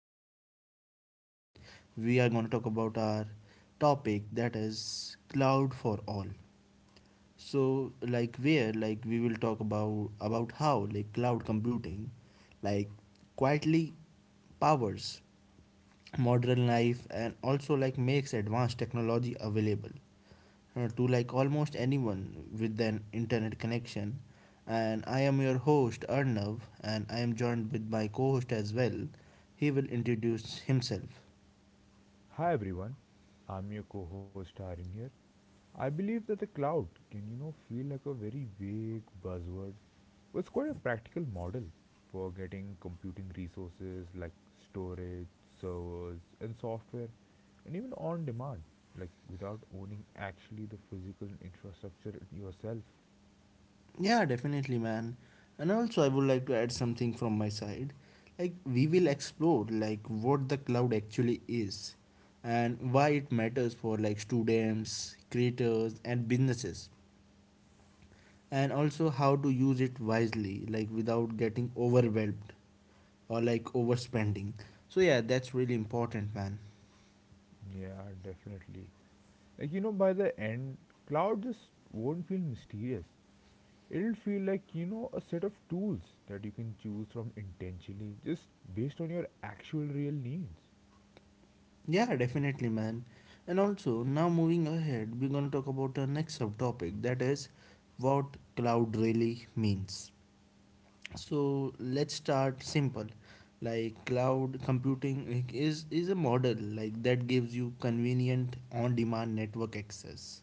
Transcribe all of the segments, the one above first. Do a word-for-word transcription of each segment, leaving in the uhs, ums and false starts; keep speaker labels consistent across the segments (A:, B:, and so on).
A: episode, in this podcast, we are going to talk about our topic that is cloud for all. So like where like we will talk about about how like cloud computing like quietly powers modern life and also like makes advanced technology available uh, to like almost anyone with an internet connection. And I am your host Arnav, and I am joined with my co-host as well. He will introduce himself.
B: Hi everyone, I'm your co-host Arin here. I believe that the cloud can, you know, feel like a very vague buzzword, but it's quite a practical model for getting computing resources like storage, servers, and software, and even on demand, like without owning actually the physical infrastructure yourself.
A: Yeah, definitely, man. And also, I would like to add something from my side. Like, we will explore like what the cloud actually is and why it matters for like students, creators, and businesses, and also how to use it wisely, like without getting overwhelmed or like overspending. So, yeah, that's really important, man.
B: Yeah, definitely. Like you know, by the end, cloud just won't feel mysterious. It'll feel like, you know, a set of tools that you can choose from intentionally just based on your actual real needs.
A: Yeah, definitely, man. And also, now moving ahead, we're going to talk about our next subtopic, that is what cloud really means. So let's start simple. Like cloud computing, like, is is a model like that gives you convenient on demand network access,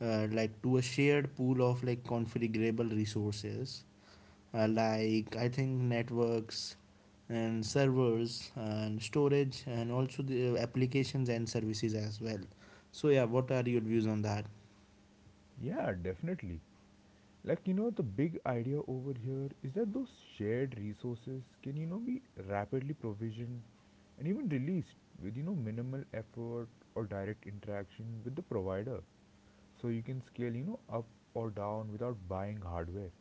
A: uh, like to a shared pool of like configurable resources, uh, like I think networks and servers and storage, and also the uh, applications and services as well. So yeah, what are your views on that?
B: Yeah, definitely. Like, you know, the big idea over here is that those shared resources can, you know, be rapidly provisioned and even released with, you know, minimal effort or direct interaction with the provider. So you can scale, you know, up or down without buying hardware.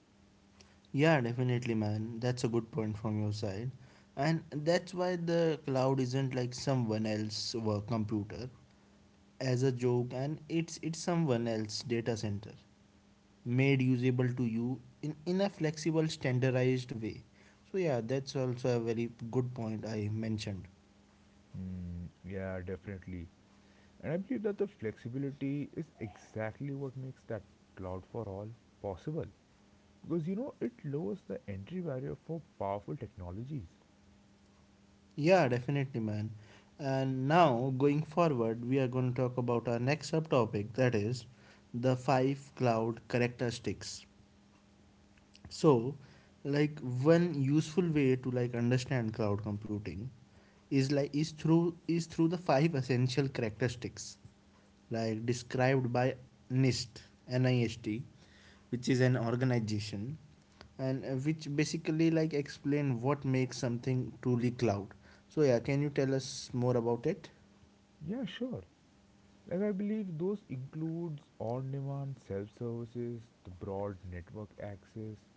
A: Yeah, definitely, man. That's a good point from your side. And that's why the cloud isn't like someone else's work computer as a joke, and it's it's someone else's data center made usable to you in, in a flexible standardized way. So yeah, that's also a very good point I mentioned.
B: Hmm, yeah, definitely. And I believe that the flexibility is exactly what makes that cloud for all possible. Because you know, it lowers the entry barrier for powerful technologies.
A: Yeah, definitely, man. And now going forward, we are going to talk about our next subtopic, that is the five cloud characteristics. So like one useful way to like understand cloud computing is like is through is through the five essential characteristics like described by N I S T N I S T, which is an organization, and uh, which basically like explain what makes something truly cloud. So yeah, can you tell us more about it?
B: Yeah, sure. Like I believe those includes on-demand self-services, the broad network access,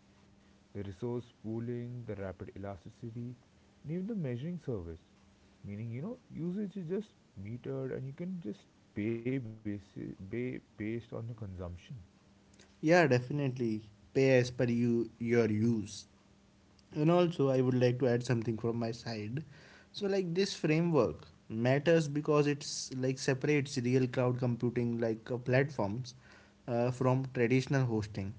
B: the resource pooling, the rapid elasticity, and even the measuring service. Meaning, you know, usage is just metered and you can just pay, basi- pay based on your consumption.
A: Yeah, definitely. Pay as per you, your use. And also, I would like to add something from my side. So, like this framework matters because it's like separates real cloud computing like uh, platforms uh, from traditional hosting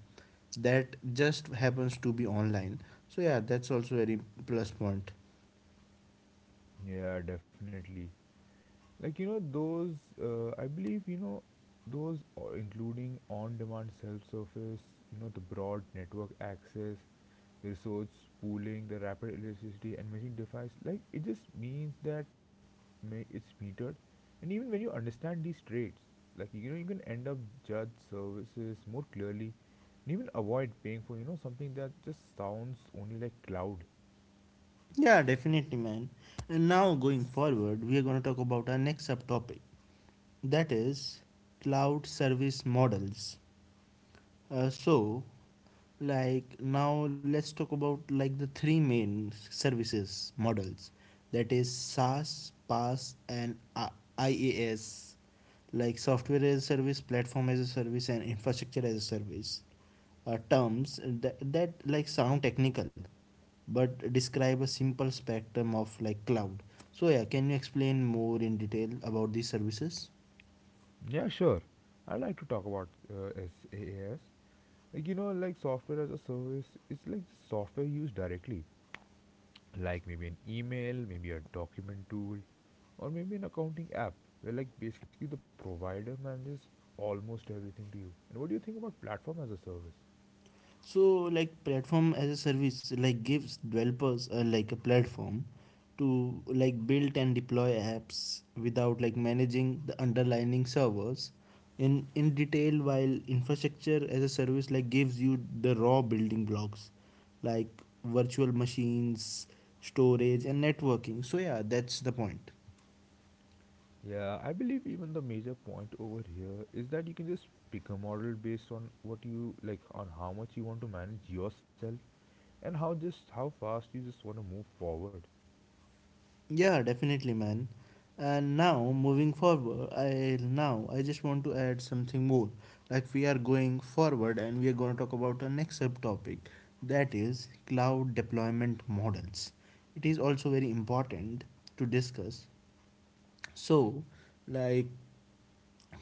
A: that just happens to be online. So yeah, that's also very plus point.
B: Yeah, definitely. Like, you know, those, uh, I believe, you know, those o- including on demand self service, you know, the broad network access, the resource pooling, the rapid elasticity, and machine device, like, it just means that ma- it's metered. And even when you understand these traits, like, you know, you can end up judge services more clearly and even avoid paying for, you know, something that just sounds only like cloud.
A: Yeah, definitely, man. And now going forward, we are gonna talk about our next subtopic, that is cloud service models. Uh, so, like now let's talk about like the three main s- services models, that is SaaS, PaaS, and I- IaaS, like software as a service, platform as a service, and infrastructure as a service. Uh, terms that, that like sound technical, but describe a simple spectrum of like cloud. So yeah, can you explain more in detail about these services?
B: Yeah, sure. I'd like to talk about uh, SaaS. Like, you know, like software as a service, it's like the software used directly, like maybe an email, maybe a document tool, or maybe an accounting app, where like basically the provider manages almost everything to you. And what do you think about platform as a service?
A: So like platform as a service like gives developers uh, like a platform to like build and deploy apps without like managing the underlying servers in in detail, while infrastructure as a service like gives you the raw building blocks, like virtual machines, storage, and networking. So yeah, that's the point.
B: Yeah, I believe even the major point over here is that you can just pick a model based on what you like, on how much you want to manage yourself, and how just how fast you just want to move forward.
A: Yeah, definitely, man. And now moving forward, I now I just want to add something more. Like we are going forward and we are going to talk about our next subtopic, that is cloud deployment models. It is also very important to discuss. So like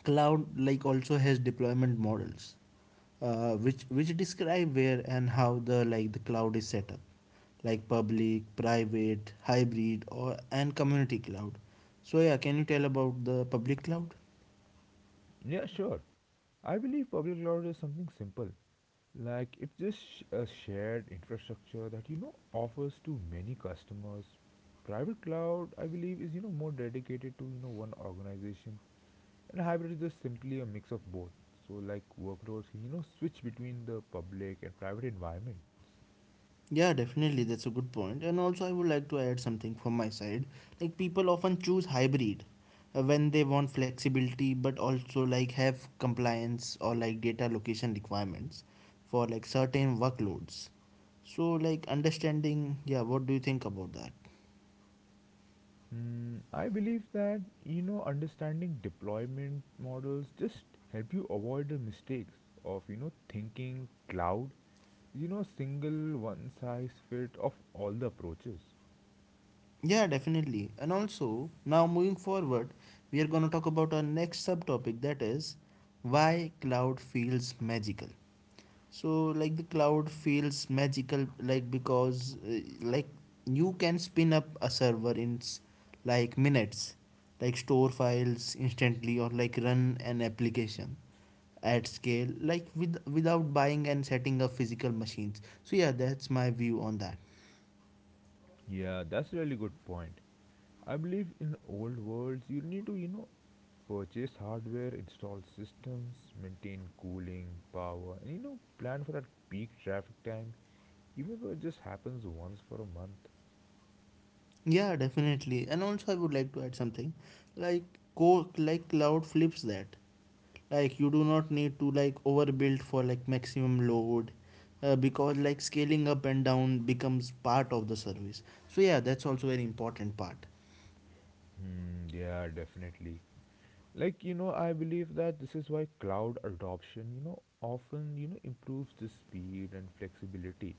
A: cloud like also has deployment models, uh, which which describe where and how the like the cloud is set up, like public, private, hybrid, or and community cloud. So yeah, can you tell about the public cloud?
B: Yeah, sure. I believe public cloud is something simple. Like it's just sh- a shared infrastructure that you know offers to many customers. Private cloud, I believe, is you know more dedicated to you know one organization, and hybrid is just simply a mix of both. So like workloads can you know switch between the public and private environments.
A: Yeah, definitely, that's a good point. And also, I would like to add something from my side. Like, people often choose hybrid uh, when they want flexibility, but also like have compliance or like data location requirements for like certain workloads. So, like understanding, yeah, what do you think about that?
B: Mm, I believe that you know understanding deployment models just help you avoid the mistakes of you know thinking cloud you know single one size fit of all the approaches.
A: Yeah, definitely. And also, now moving forward, we are going to talk about our next subtopic, that is why cloud feels magical. So like the cloud feels magical like because uh, like you can spin up a server in s- like minutes, like store files instantly or like run an application at scale like with without buying and setting up physical machines. So yeah, that's my view on that.
B: Yeah, that's really good point. I believe in old worlds you need to, you know, purchase hardware, install systems, maintain cooling power, and you know plan for that peak traffic time, even though it just happens once for a month.
A: Yeah, definitely. And also, I would like to add something, like co like cloud flips that. Like you do not need to like overbuild for like maximum load, uh, because like scaling up and down becomes part of the service. So yeah, that's also very important part.
B: Hmm, yeah, definitely. Like you know, I believe that this is why cloud adoption you know often you know improves the speed and flexibility,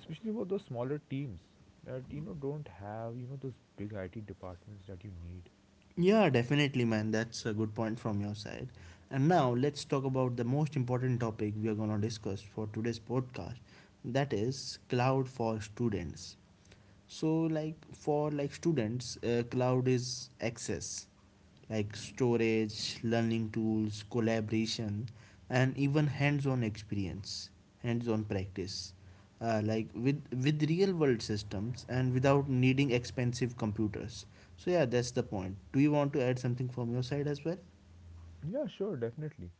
B: especially for those smaller teams that you know don't have you know those big I T departments that you need.
A: Yeah, definitely, man. That's a good point from your side. And now let's talk about the most important topic we are gonna discuss for today's podcast. That is cloud for students. So like for like students, uh, cloud is access, like storage, learning tools, collaboration, and even hands-on experience hands-on practice uh, like with with real world systems and without needing expensive computers. So yeah, that's the point. Do you want to add something from your side as well?
B: Yeah, sure, definitely.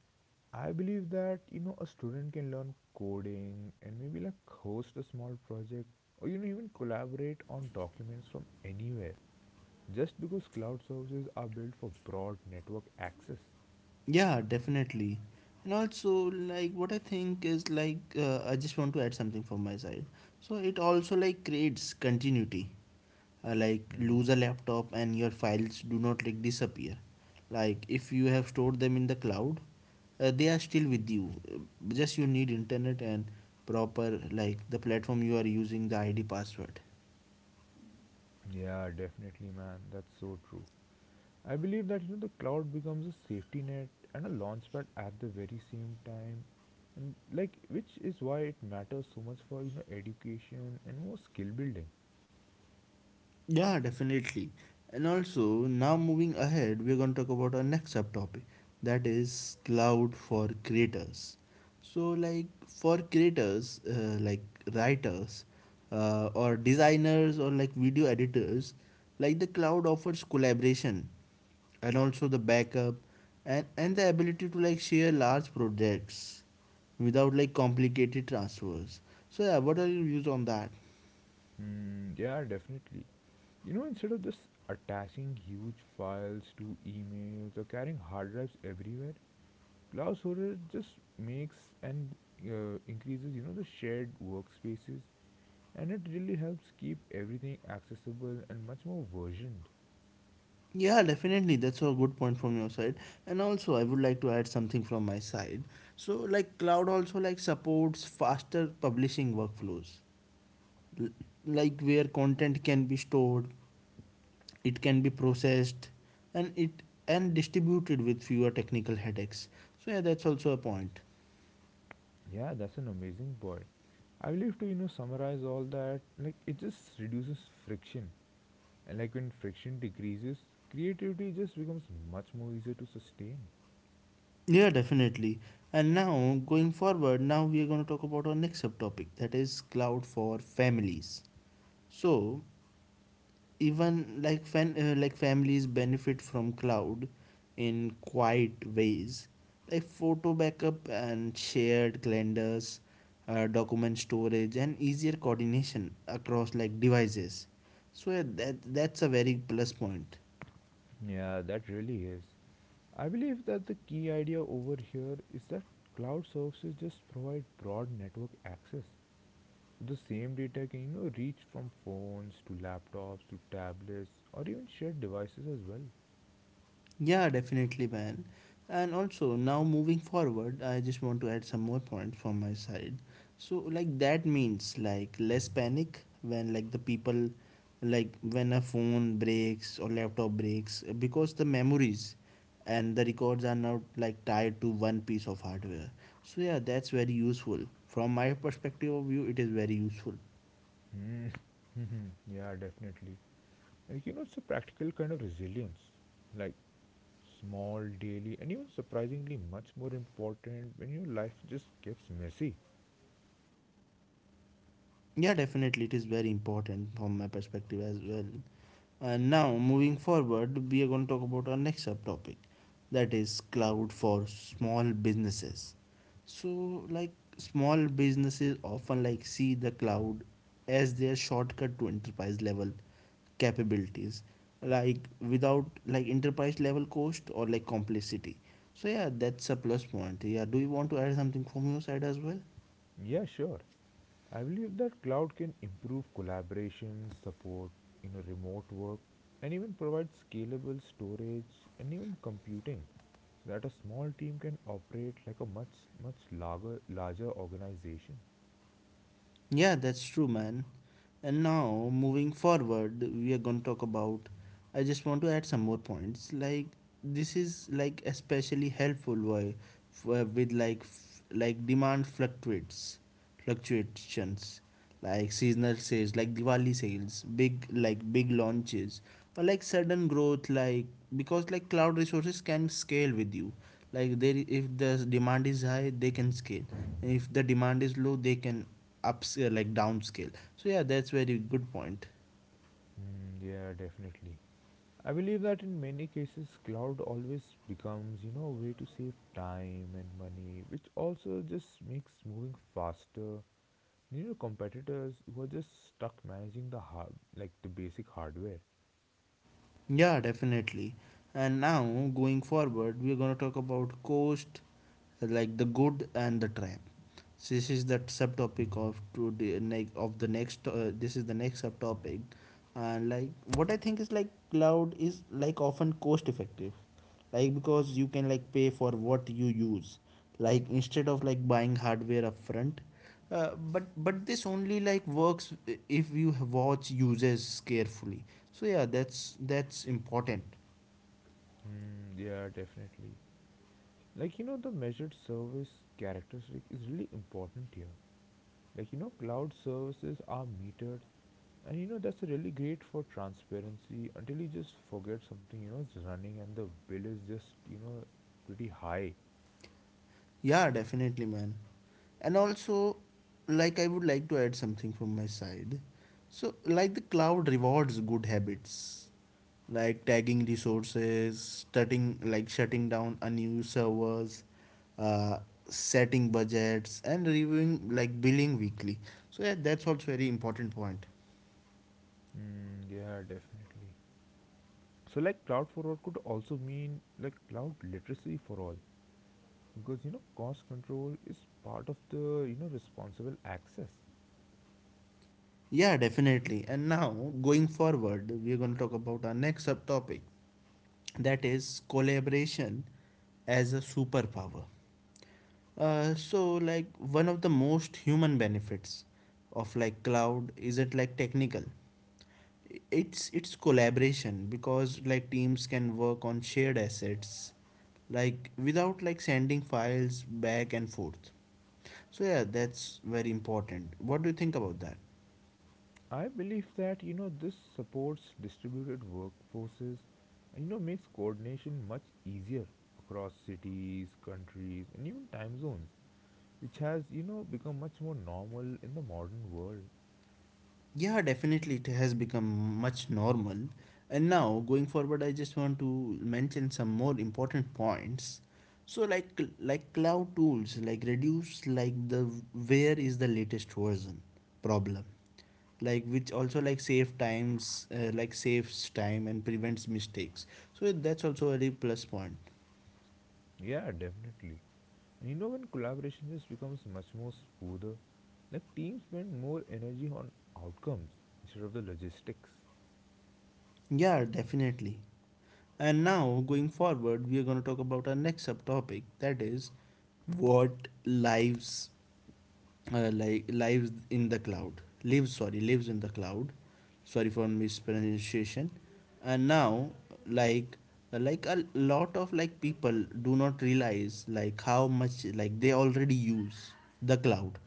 B: I believe that you know a student can learn coding and maybe like host a small project or you know even collaborate on documents from anywhere just because cloud services are built for broad network access.
A: Yeah, definitely. And also like what I think is like uh, I just want to add something from my side. So it also like creates continuity, uh, like
B: Hmm.
A: lose a laptop and your files do not like disappear. Like if you have stored them in the cloud, uh, they are still with you. Uh, just you need internet and proper, like the platform you are using, the id password.
B: Yeah, definitely, man. That's so true. I believe that you know the cloud becomes a safety net and a launchpad at the very same time, and like which is why it matters so much for you know education and more skill building.
A: Yeah, definitely. And also, now moving ahead, we're going to talk about our next subtopic, that is cloud for creators. So, like for creators, uh, like writers, uh, or designers, or like video editors, like the cloud offers collaboration and also the backup, and, and the ability to like share large projects without like complicated transfers. So, yeah, what are your views on that?
B: Mm, yeah, definitely. You know, instead of just attaching huge files to emails or carrying hard drives everywhere, cloud storage just makes and uh, increases you know the shared workspaces, and it really helps keep everything accessible and much more versioned.
A: Yeah, definitely. That's a good point from your side. And also, I would like to add something from my side. So, like cloud also like supports faster publishing workflows, L- like where content can be stored, it can be processed, and it and distributed with fewer technical headaches. So yeah, that's also a point.
B: Yeah, that's an amazing point. I will have to, you know, summarize all that. Like, it just reduces friction. And, like, when friction decreases, creativity just becomes much more easier to sustain.
A: Yeah, definitely. And now going forward, now we are going to talk about our next subtopic, that is cloud for families. So even like fan, uh, like families benefit from cloud in quiet ways, like photo backup and shared calendars, uh, document storage, and easier coordination across like devices. So yeah, that that's a very plus point.
B: Yeah, that really is. I believe that the key idea over here is that cloud services just provide broad network access. So the same data can, you know, reach from phones to laptops to tablets or even shared devices as well.
A: Yeah, definitely, man. And also, now moving forward, I just want to add some more points from my side. So, like, that means like less panic when, like, the people, like, when a phone breaks or laptop breaks, because the memories and the records are now like tied to one piece of hardware. So, yeah, that's very useful. From my perspective of view, it is very useful.
B: Hmm. Yeah, definitely. Like, you know, it's a practical kind of resilience, like small, daily, and even surprisingly much more important when your life just gets messy.
A: Yeah, definitely, it is very important from my perspective as well. And now, moving forward, we are going to talk about our next subtopic, that is cloud for small businesses. So, like, small businesses often like see the cloud as their shortcut to enterprise level capabilities like without like enterprise level cost or like complexity. So yeah, that's a plus point. Yeah, do you want to add something from your side as well?
B: Yeah, sure. I believe that cloud can improve collaboration, support, you know, remote work, and even provide scalable storage and even computing so that a small team can operate like a much, much larger, larger organization.
A: Yeah, that's true, man. And now, moving forward, we are going to talk about. I just want to add some more points. Like this is like especially helpful why for with like f- like demand fluctuates, fluctuations, like seasonal sales, like Diwali sales, big like big launches, or like sudden growth, like because like cloud resources can scale with you. Like there, if the demand is high, they can scale. And if the demand is low, they can upscale like downscale. So yeah, that's very good point.
B: Mm, yeah, definitely. I believe that in many cases, cloud always becomes, you know, a way to save time and money, which also just makes moving faster. You know, competitors who are just stuck managing the hard, like the basic hardware.
A: Yeah, definitely. And now going forward, we're going to talk about cost, like the good and the trap. So this is the subtopic of today, like of the next, uh, this is the next subtopic. And like what I think is like cloud is like often cost effective, like because you can like pay for what you use, like instead of like buying hardware upfront. Uh, but but this only like works if you watch users carefully. So yeah, that's that's important.
B: Mm, yeah, definitely. Like you know, the measured service characteristic is really important here. Like you know cloud services are metered and you know that's really great for transparency until you just forget something you know is running and the bill is just you know pretty high.
A: Yeah, definitely, man. And also, like, I would like to add something from my side. So, like, the cloud rewards good habits, like tagging resources, shutting, like, shutting down unused servers, uh, setting budgets, and reviewing, like, billing weekly. So, yeah, that's also very important point.
B: Mm, yeah, definitely. So like cloud for all could also mean like cloud literacy for all, because you know cost control is part of the you know responsible access.
A: Yeah, definitely. And now, going forward, we're going to talk about our next subtopic, that is collaboration as a superpower. Uh, so like one of the most human benefits of like cloud is it like technical it's it's collaboration because like teams can work on shared assets like without like sending files back and forth. So yeah, that's very important. What do you think about that?
B: I believe that you know this supports distributed workforces and you know makes coordination much easier across cities, countries and even time zones, which has you know become much more normal in the modern world.
A: Yeah, definitely it has become much normal. And now, going forward, I just want to mention some more important points. So, like cl- like cloud tools, like reduce like the where is the latest version problem, like which also like save times, uh, like saves time and prevents mistakes. So that's also a very plus point.
B: Yeah, definitely. And you know when collaboration just becomes much more smoother, like teams spend more energy on outcomes instead of the logistics.
A: Yeah, definitely. And now, going forward, we are going to talk about our next subtopic that is what lives uh, like lives in the cloud lives sorry lives in the cloud, sorry for mispronunciation. And now, like, uh, like a lot of like people do not realize like how much like they already use the cloud,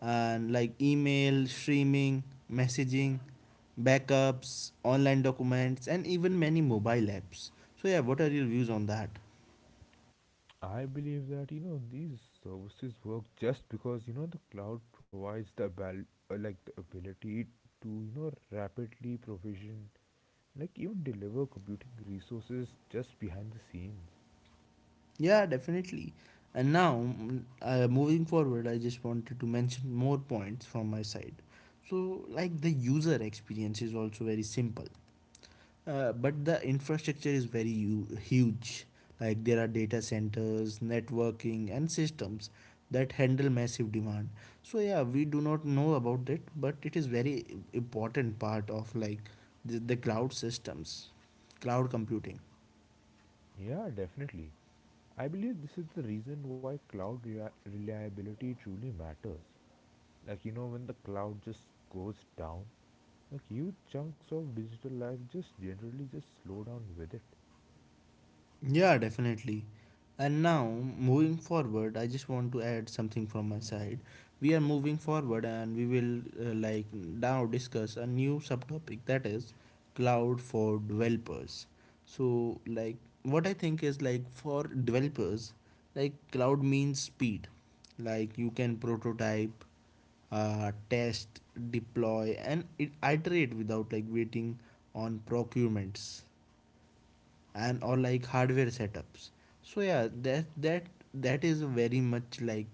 A: and like email, streaming, messaging, backups, online documents, and even many mobile apps. So yeah, what are your views on that?
B: I believe that you know these services work just because you know the cloud provides the abal- uh, like the ability to you know rapidly provision like even deliver computing resources just behind the scenes.
A: Yeah, definitely. And now, mm, uh, moving forward, I just wanted to mention more points from my side. So, like the user experience is also very simple, uh, but the infrastructure is very u- huge. Like there are data centers, networking, and systems that handle massive demand. So yeah, we do not know about that, but it is very important part of like the, the cloud systems, cloud computing.
B: Yeah, definitely. I believe this is the reason why cloud rea- reliability truly matters. Like you know when the cloud just goes down, like huge chunks of digital life just generally just slow down with it.
A: Yeah, definitely. And now, moving forward, I just want to add something from my side. We are moving forward and we will uh, like now discuss a new subtopic that is cloud for developers. So, like what I think is like for developers, like cloud means speed. Like you can prototype, uh, test, deploy and it- iterate without like waiting on procurements and or like hardware setups. So yeah, that that that is very much like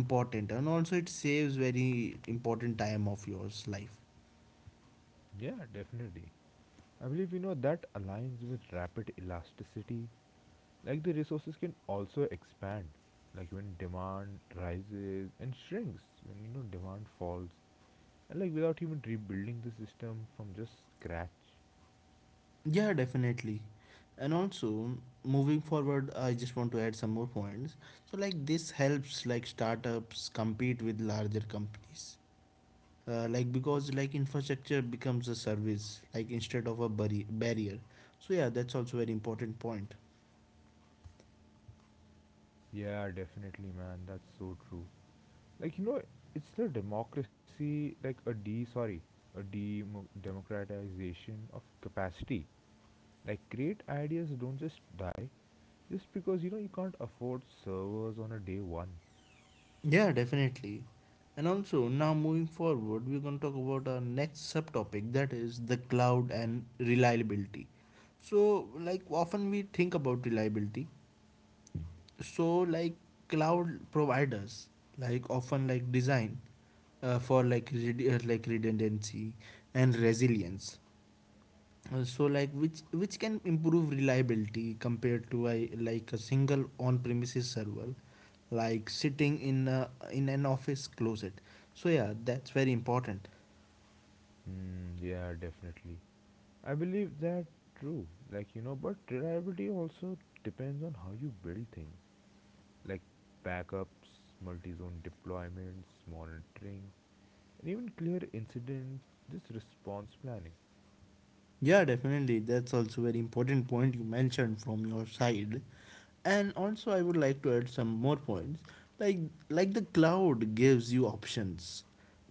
A: important, and also it saves very important time of yours life.
B: Yeah, definitely. I believe you know that aligns with rapid elasticity. Like the resources can also expand, like when demand rises and shrinks, when you know demand falls, and like without even rebuilding the system from just scratch.
A: Yeah, definitely. And also, moving forward, I just want to add some more points. So like this helps like startups compete with larger companies, uh, like because like infrastructure becomes a service like instead of a barri- barrier. So yeah, that's also very important point.
B: Yeah, definitely, man. That's so true. Like you know, it's the democracy, like a d sorry, a demo- democratization of capacity. Like great ideas don't just die just because you know you can't afford servers on a day one.
A: Yeah, definitely. And also, now moving forward, we're going to talk about our next subtopic that is the cloud and reliability. So, like, often we think about reliability. So, like, cloud providers, like, often like design uh, for like, red- uh, like redundancy and resilience. Uh, so like which which can improve reliability compared to a like a single on-premises server like sitting in a, in an office closet. So yeah, that's very important.
B: Mm, yeah, definitely. I believe that true. Like, you know, but reliability also depends on how you build things. Like backups, multi-zone deployments, monitoring, and even clear incident, just response planning.
A: Yeah, definitely. That's also very important point you mentioned from your side. And also I would like to add some more points. Like like the cloud gives you options,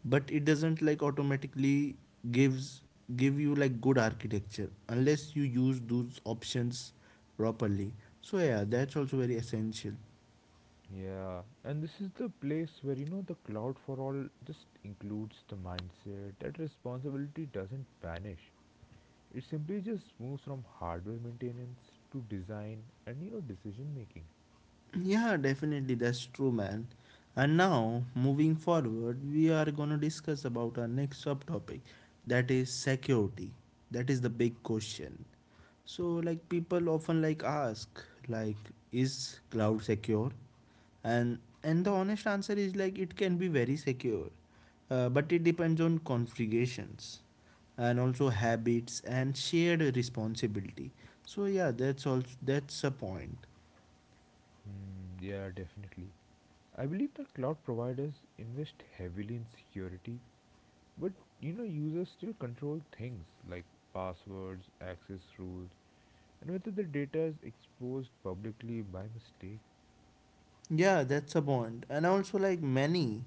A: but it doesn't like automatically gives give you like good architecture unless you use those options properly. So yeah, that's also very essential.
B: Yeah, and this is the place where, you know, the cloud for all just includes the mindset that responsibility doesn't vanish. It simply just moves from hardware maintenance to design and, you know, decision making.
A: Yeah, definitely that's true, man. And now, moving forward, we are going to discuss about our next subtopic that is security. That is the big question. So like people often like ask like is cloud secure? And and the honest answer is like it can be very secure. Uh, but it depends on configurations and also habits and shared responsibility. So yeah, that's also that's a point.
B: Hmm. Yeah, definitely. I believe that cloud providers invest heavily in security, but you know, users still control things like passwords, access rules, and whether the data is exposed publicly by mistake.
A: Yeah, that's a point. And also, like many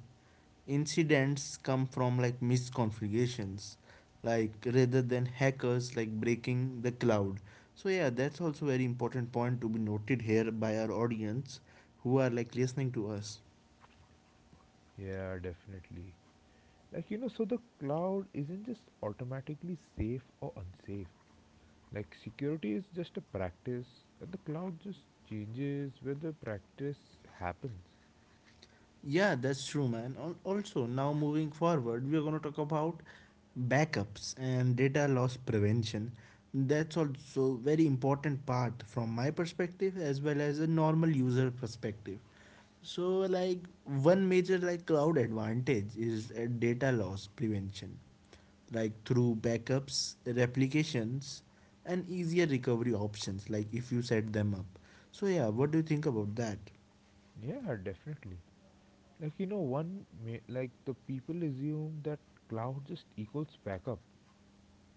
A: incidents come from like misconfigurations, like rather than hackers like breaking the cloud. So yeah, that's also very important point to be noted here by our audience who are like listening to us.
B: Yeah, definitely. Like, you know, so the cloud isn't just automatically safe or unsafe. Like, security is just a practice, and the cloud just changes where the practice happens.
A: Yeah, that's true, man. Al- Also, now moving forward, we are going to talk about backups and data loss prevention. That's also very important part from my perspective as well as a normal user perspective. So, like one major like cloud advantage is uh, data loss prevention, like through backups, replications, and easier recovery options, like if you set them up. So yeah, what do you think about that?
B: Yeah, definitely. Like you know, one may, like the people assume that cloud just equals backup,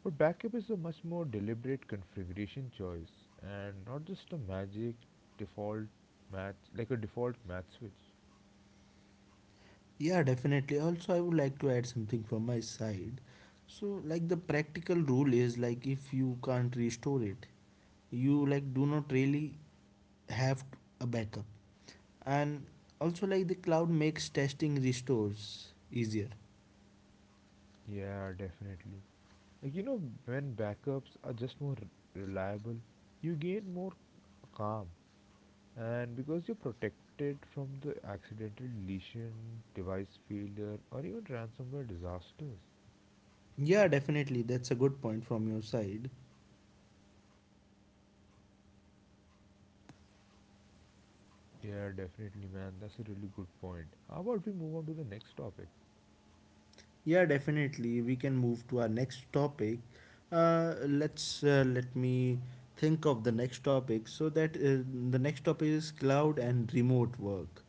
B: but backup is a much more deliberate configuration choice and not just a magic default match like a default match switch.
A: Yeah, definitely. Also, I would like to add something from my side. So, like the practical rule is like if you can't restore it, you like do not really have a backup. And also like the cloud makes testing restores easier.
B: Yeah, definitely. Like you know, when backups are just more re- reliable, you gain more calm, and because you're protected from the accidental deletion, device failure, or even ransomware disasters.
A: Yeah, definitely. That's a good point from your side.
B: Yeah, definitely, man. That's a really good point. How about we move on to the next topic?
A: Yeah, definitely. We can move to our next topic. Uh, let's uh, let me think of the next topic. So that uh, the next topic is cloud and remote work.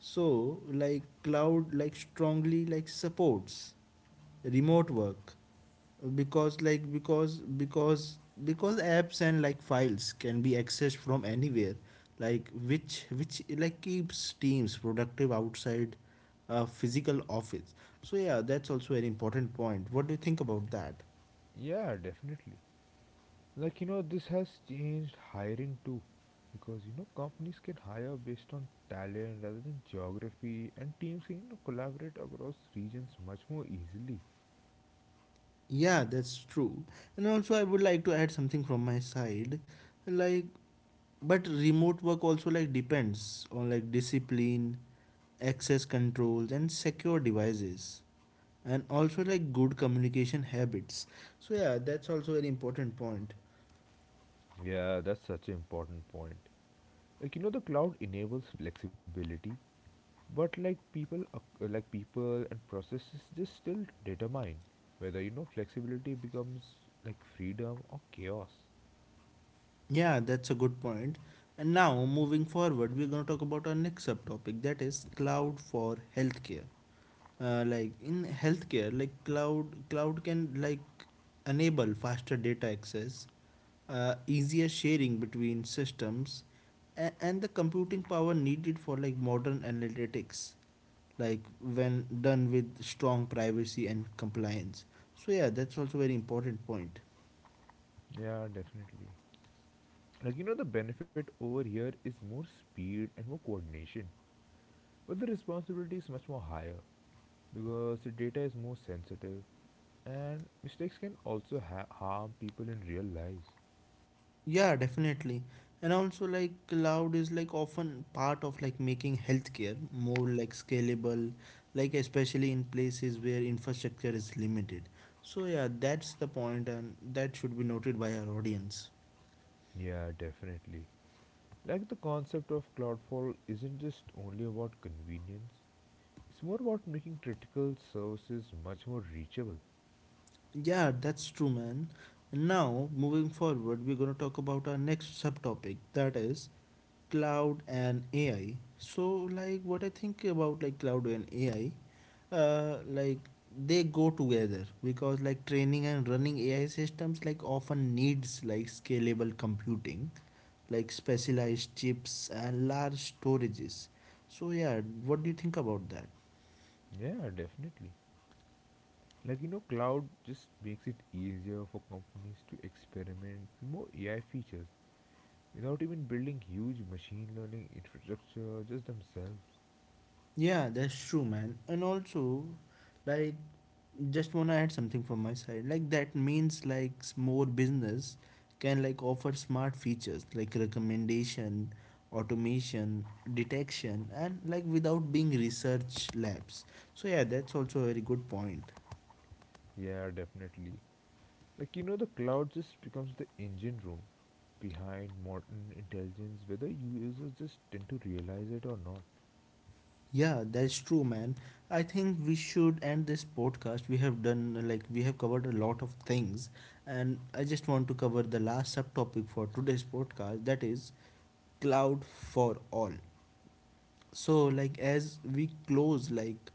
A: So like cloud like strongly like supports remote work because like because because because apps and like files can be accessed from anywhere, like which which like keeps teams productive outside a physical office. So yeah, that's also an important point. What do you think about that?
B: Yeah, definitely. Like, you know, this has changed hiring too. Because, you know, companies can hire based on talent rather than geography, and teams can, you know, collaborate across regions much more easily.
A: Yeah, that's true. And also I would like to add something from my side. Like, but remote work also like depends on like discipline, access controls and secure devices, and also like good communication habits. So yeah, that's also very important point.
B: Yeah, that's such an important point. Like, you know, the cloud enables flexibility, but like people, ac- uh, like people and processes just still determine whether you know flexibility becomes like freedom or chaos.
A: Yeah, that's a good point point. And now moving forward, we're going to talk about our next subtopic that is cloud for healthcare. Uh, like in healthcare like cloud cloud can like enable faster data access, uh, easier sharing between systems, a- and the computing power needed for like modern analytics, like when done with strong privacy and compliance. So yeah, that's also very important point.
B: Yeah, definitely. Like, you know, the benefit over here is more speed and more coordination, but the responsibility is much more higher because the data is more sensitive and mistakes can also ha- harm people in real lives.
A: Yeah, definitely. And also like cloud is like often part of like making healthcare more like scalable, like especially in places where infrastructure is limited. So yeah, that's the point and that should be noted by our audience.
B: Yeah, definitely. Like, the concept of Cloudfall isn't just only about convenience, it's more about making critical services much more reachable.
A: Yeah, that's true, man. And now moving forward, we're going to talk about our next subtopic that is cloud and A I. So like what I think about like cloud and A I, uh, like they go together because like training and running A I systems like often needs like scalable computing, like specialized chips and large storages. So yeah, what do you think about that?
B: Yeah, definitely. Like, you know, cloud just makes it easier for companies to experiment with more A I features without even building huge machine learning infrastructure just themselves.
A: Yeah, that's true, man. And also, like, just wanna add something from my side, like that means like s- more business can like offer smart features like recommendation, automation, detection, and like without being research labs. So yeah, that's also a very good point.
B: Yeah, definitely. Like you know, the cloud just becomes the engine room behind modern intelligence whether users just tend to realize it or not.
A: Yeah, that's true, man. I think we should end this podcast. We have done like we have covered a lot of things, and I just want to cover the last subtopic for today's podcast that is cloud for all. So like as we close like,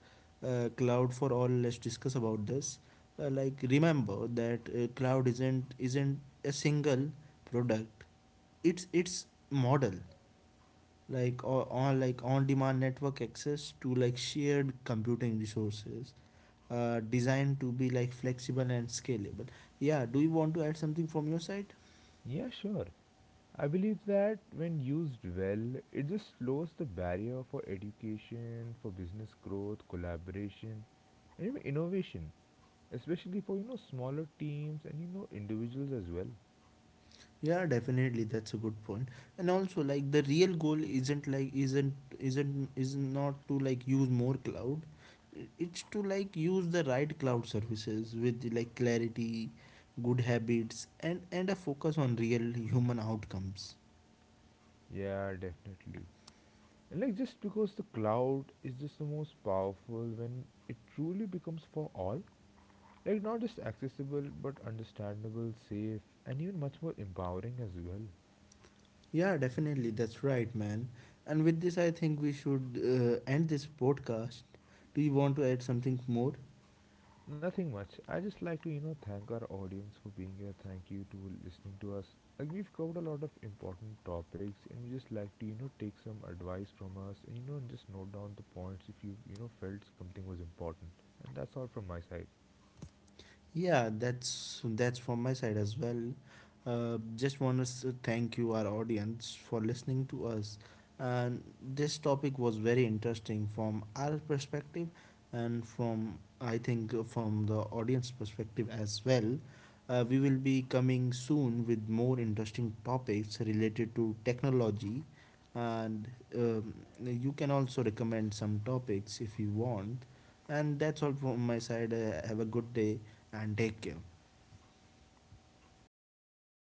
A: uh, cloud for all, let's discuss about this. Uh, like remember that uh, cloud isn't isn't a single product, it's it's model, like or on like on demand network access to like shared computing resources, uh, designed to be like flexible and scalable. Yeah, do you want to add something from your side?
B: Yeah, sure. I believe that when used well it just lowers the barrier for education, for business growth, collaboration, and even innovation, especially for you know smaller teams and you know individuals as well.
A: Yeah, definitely that's a good point. And also like the real goal isn't like isn't isn't is not to like use more cloud. I- It's to like use the right cloud services with like clarity, good habits and and a focus on real human outcomes.
B: Yeah, definitely. And like just because the cloud is just the most powerful when it truly becomes for all, like not just accessible but understandable, safe, and even much more empowering as well.
A: Yeah, definitely that's right, man. And with this I think we should uh, end this podcast. Do you want to add something more?
B: Nothing much. I just like to you know thank our audience for being here. Thank you to listening to us. Like we've covered a lot of important topics, and we just like to you know take some advice from us, and you know just note down the points if you you know felt something was important. And that's all from my side.
A: Yeah, that's that's from my side as well. Uh, just want to thank you, our audience, for listening to us. And this topic was very interesting from our perspective, and from I think uh, from the audience perspective as well. Uh, we will be coming soon with more interesting topics related to technology, and um, you can also recommend some topics if you want. And that's all from my side. Uh, have a good day and take care.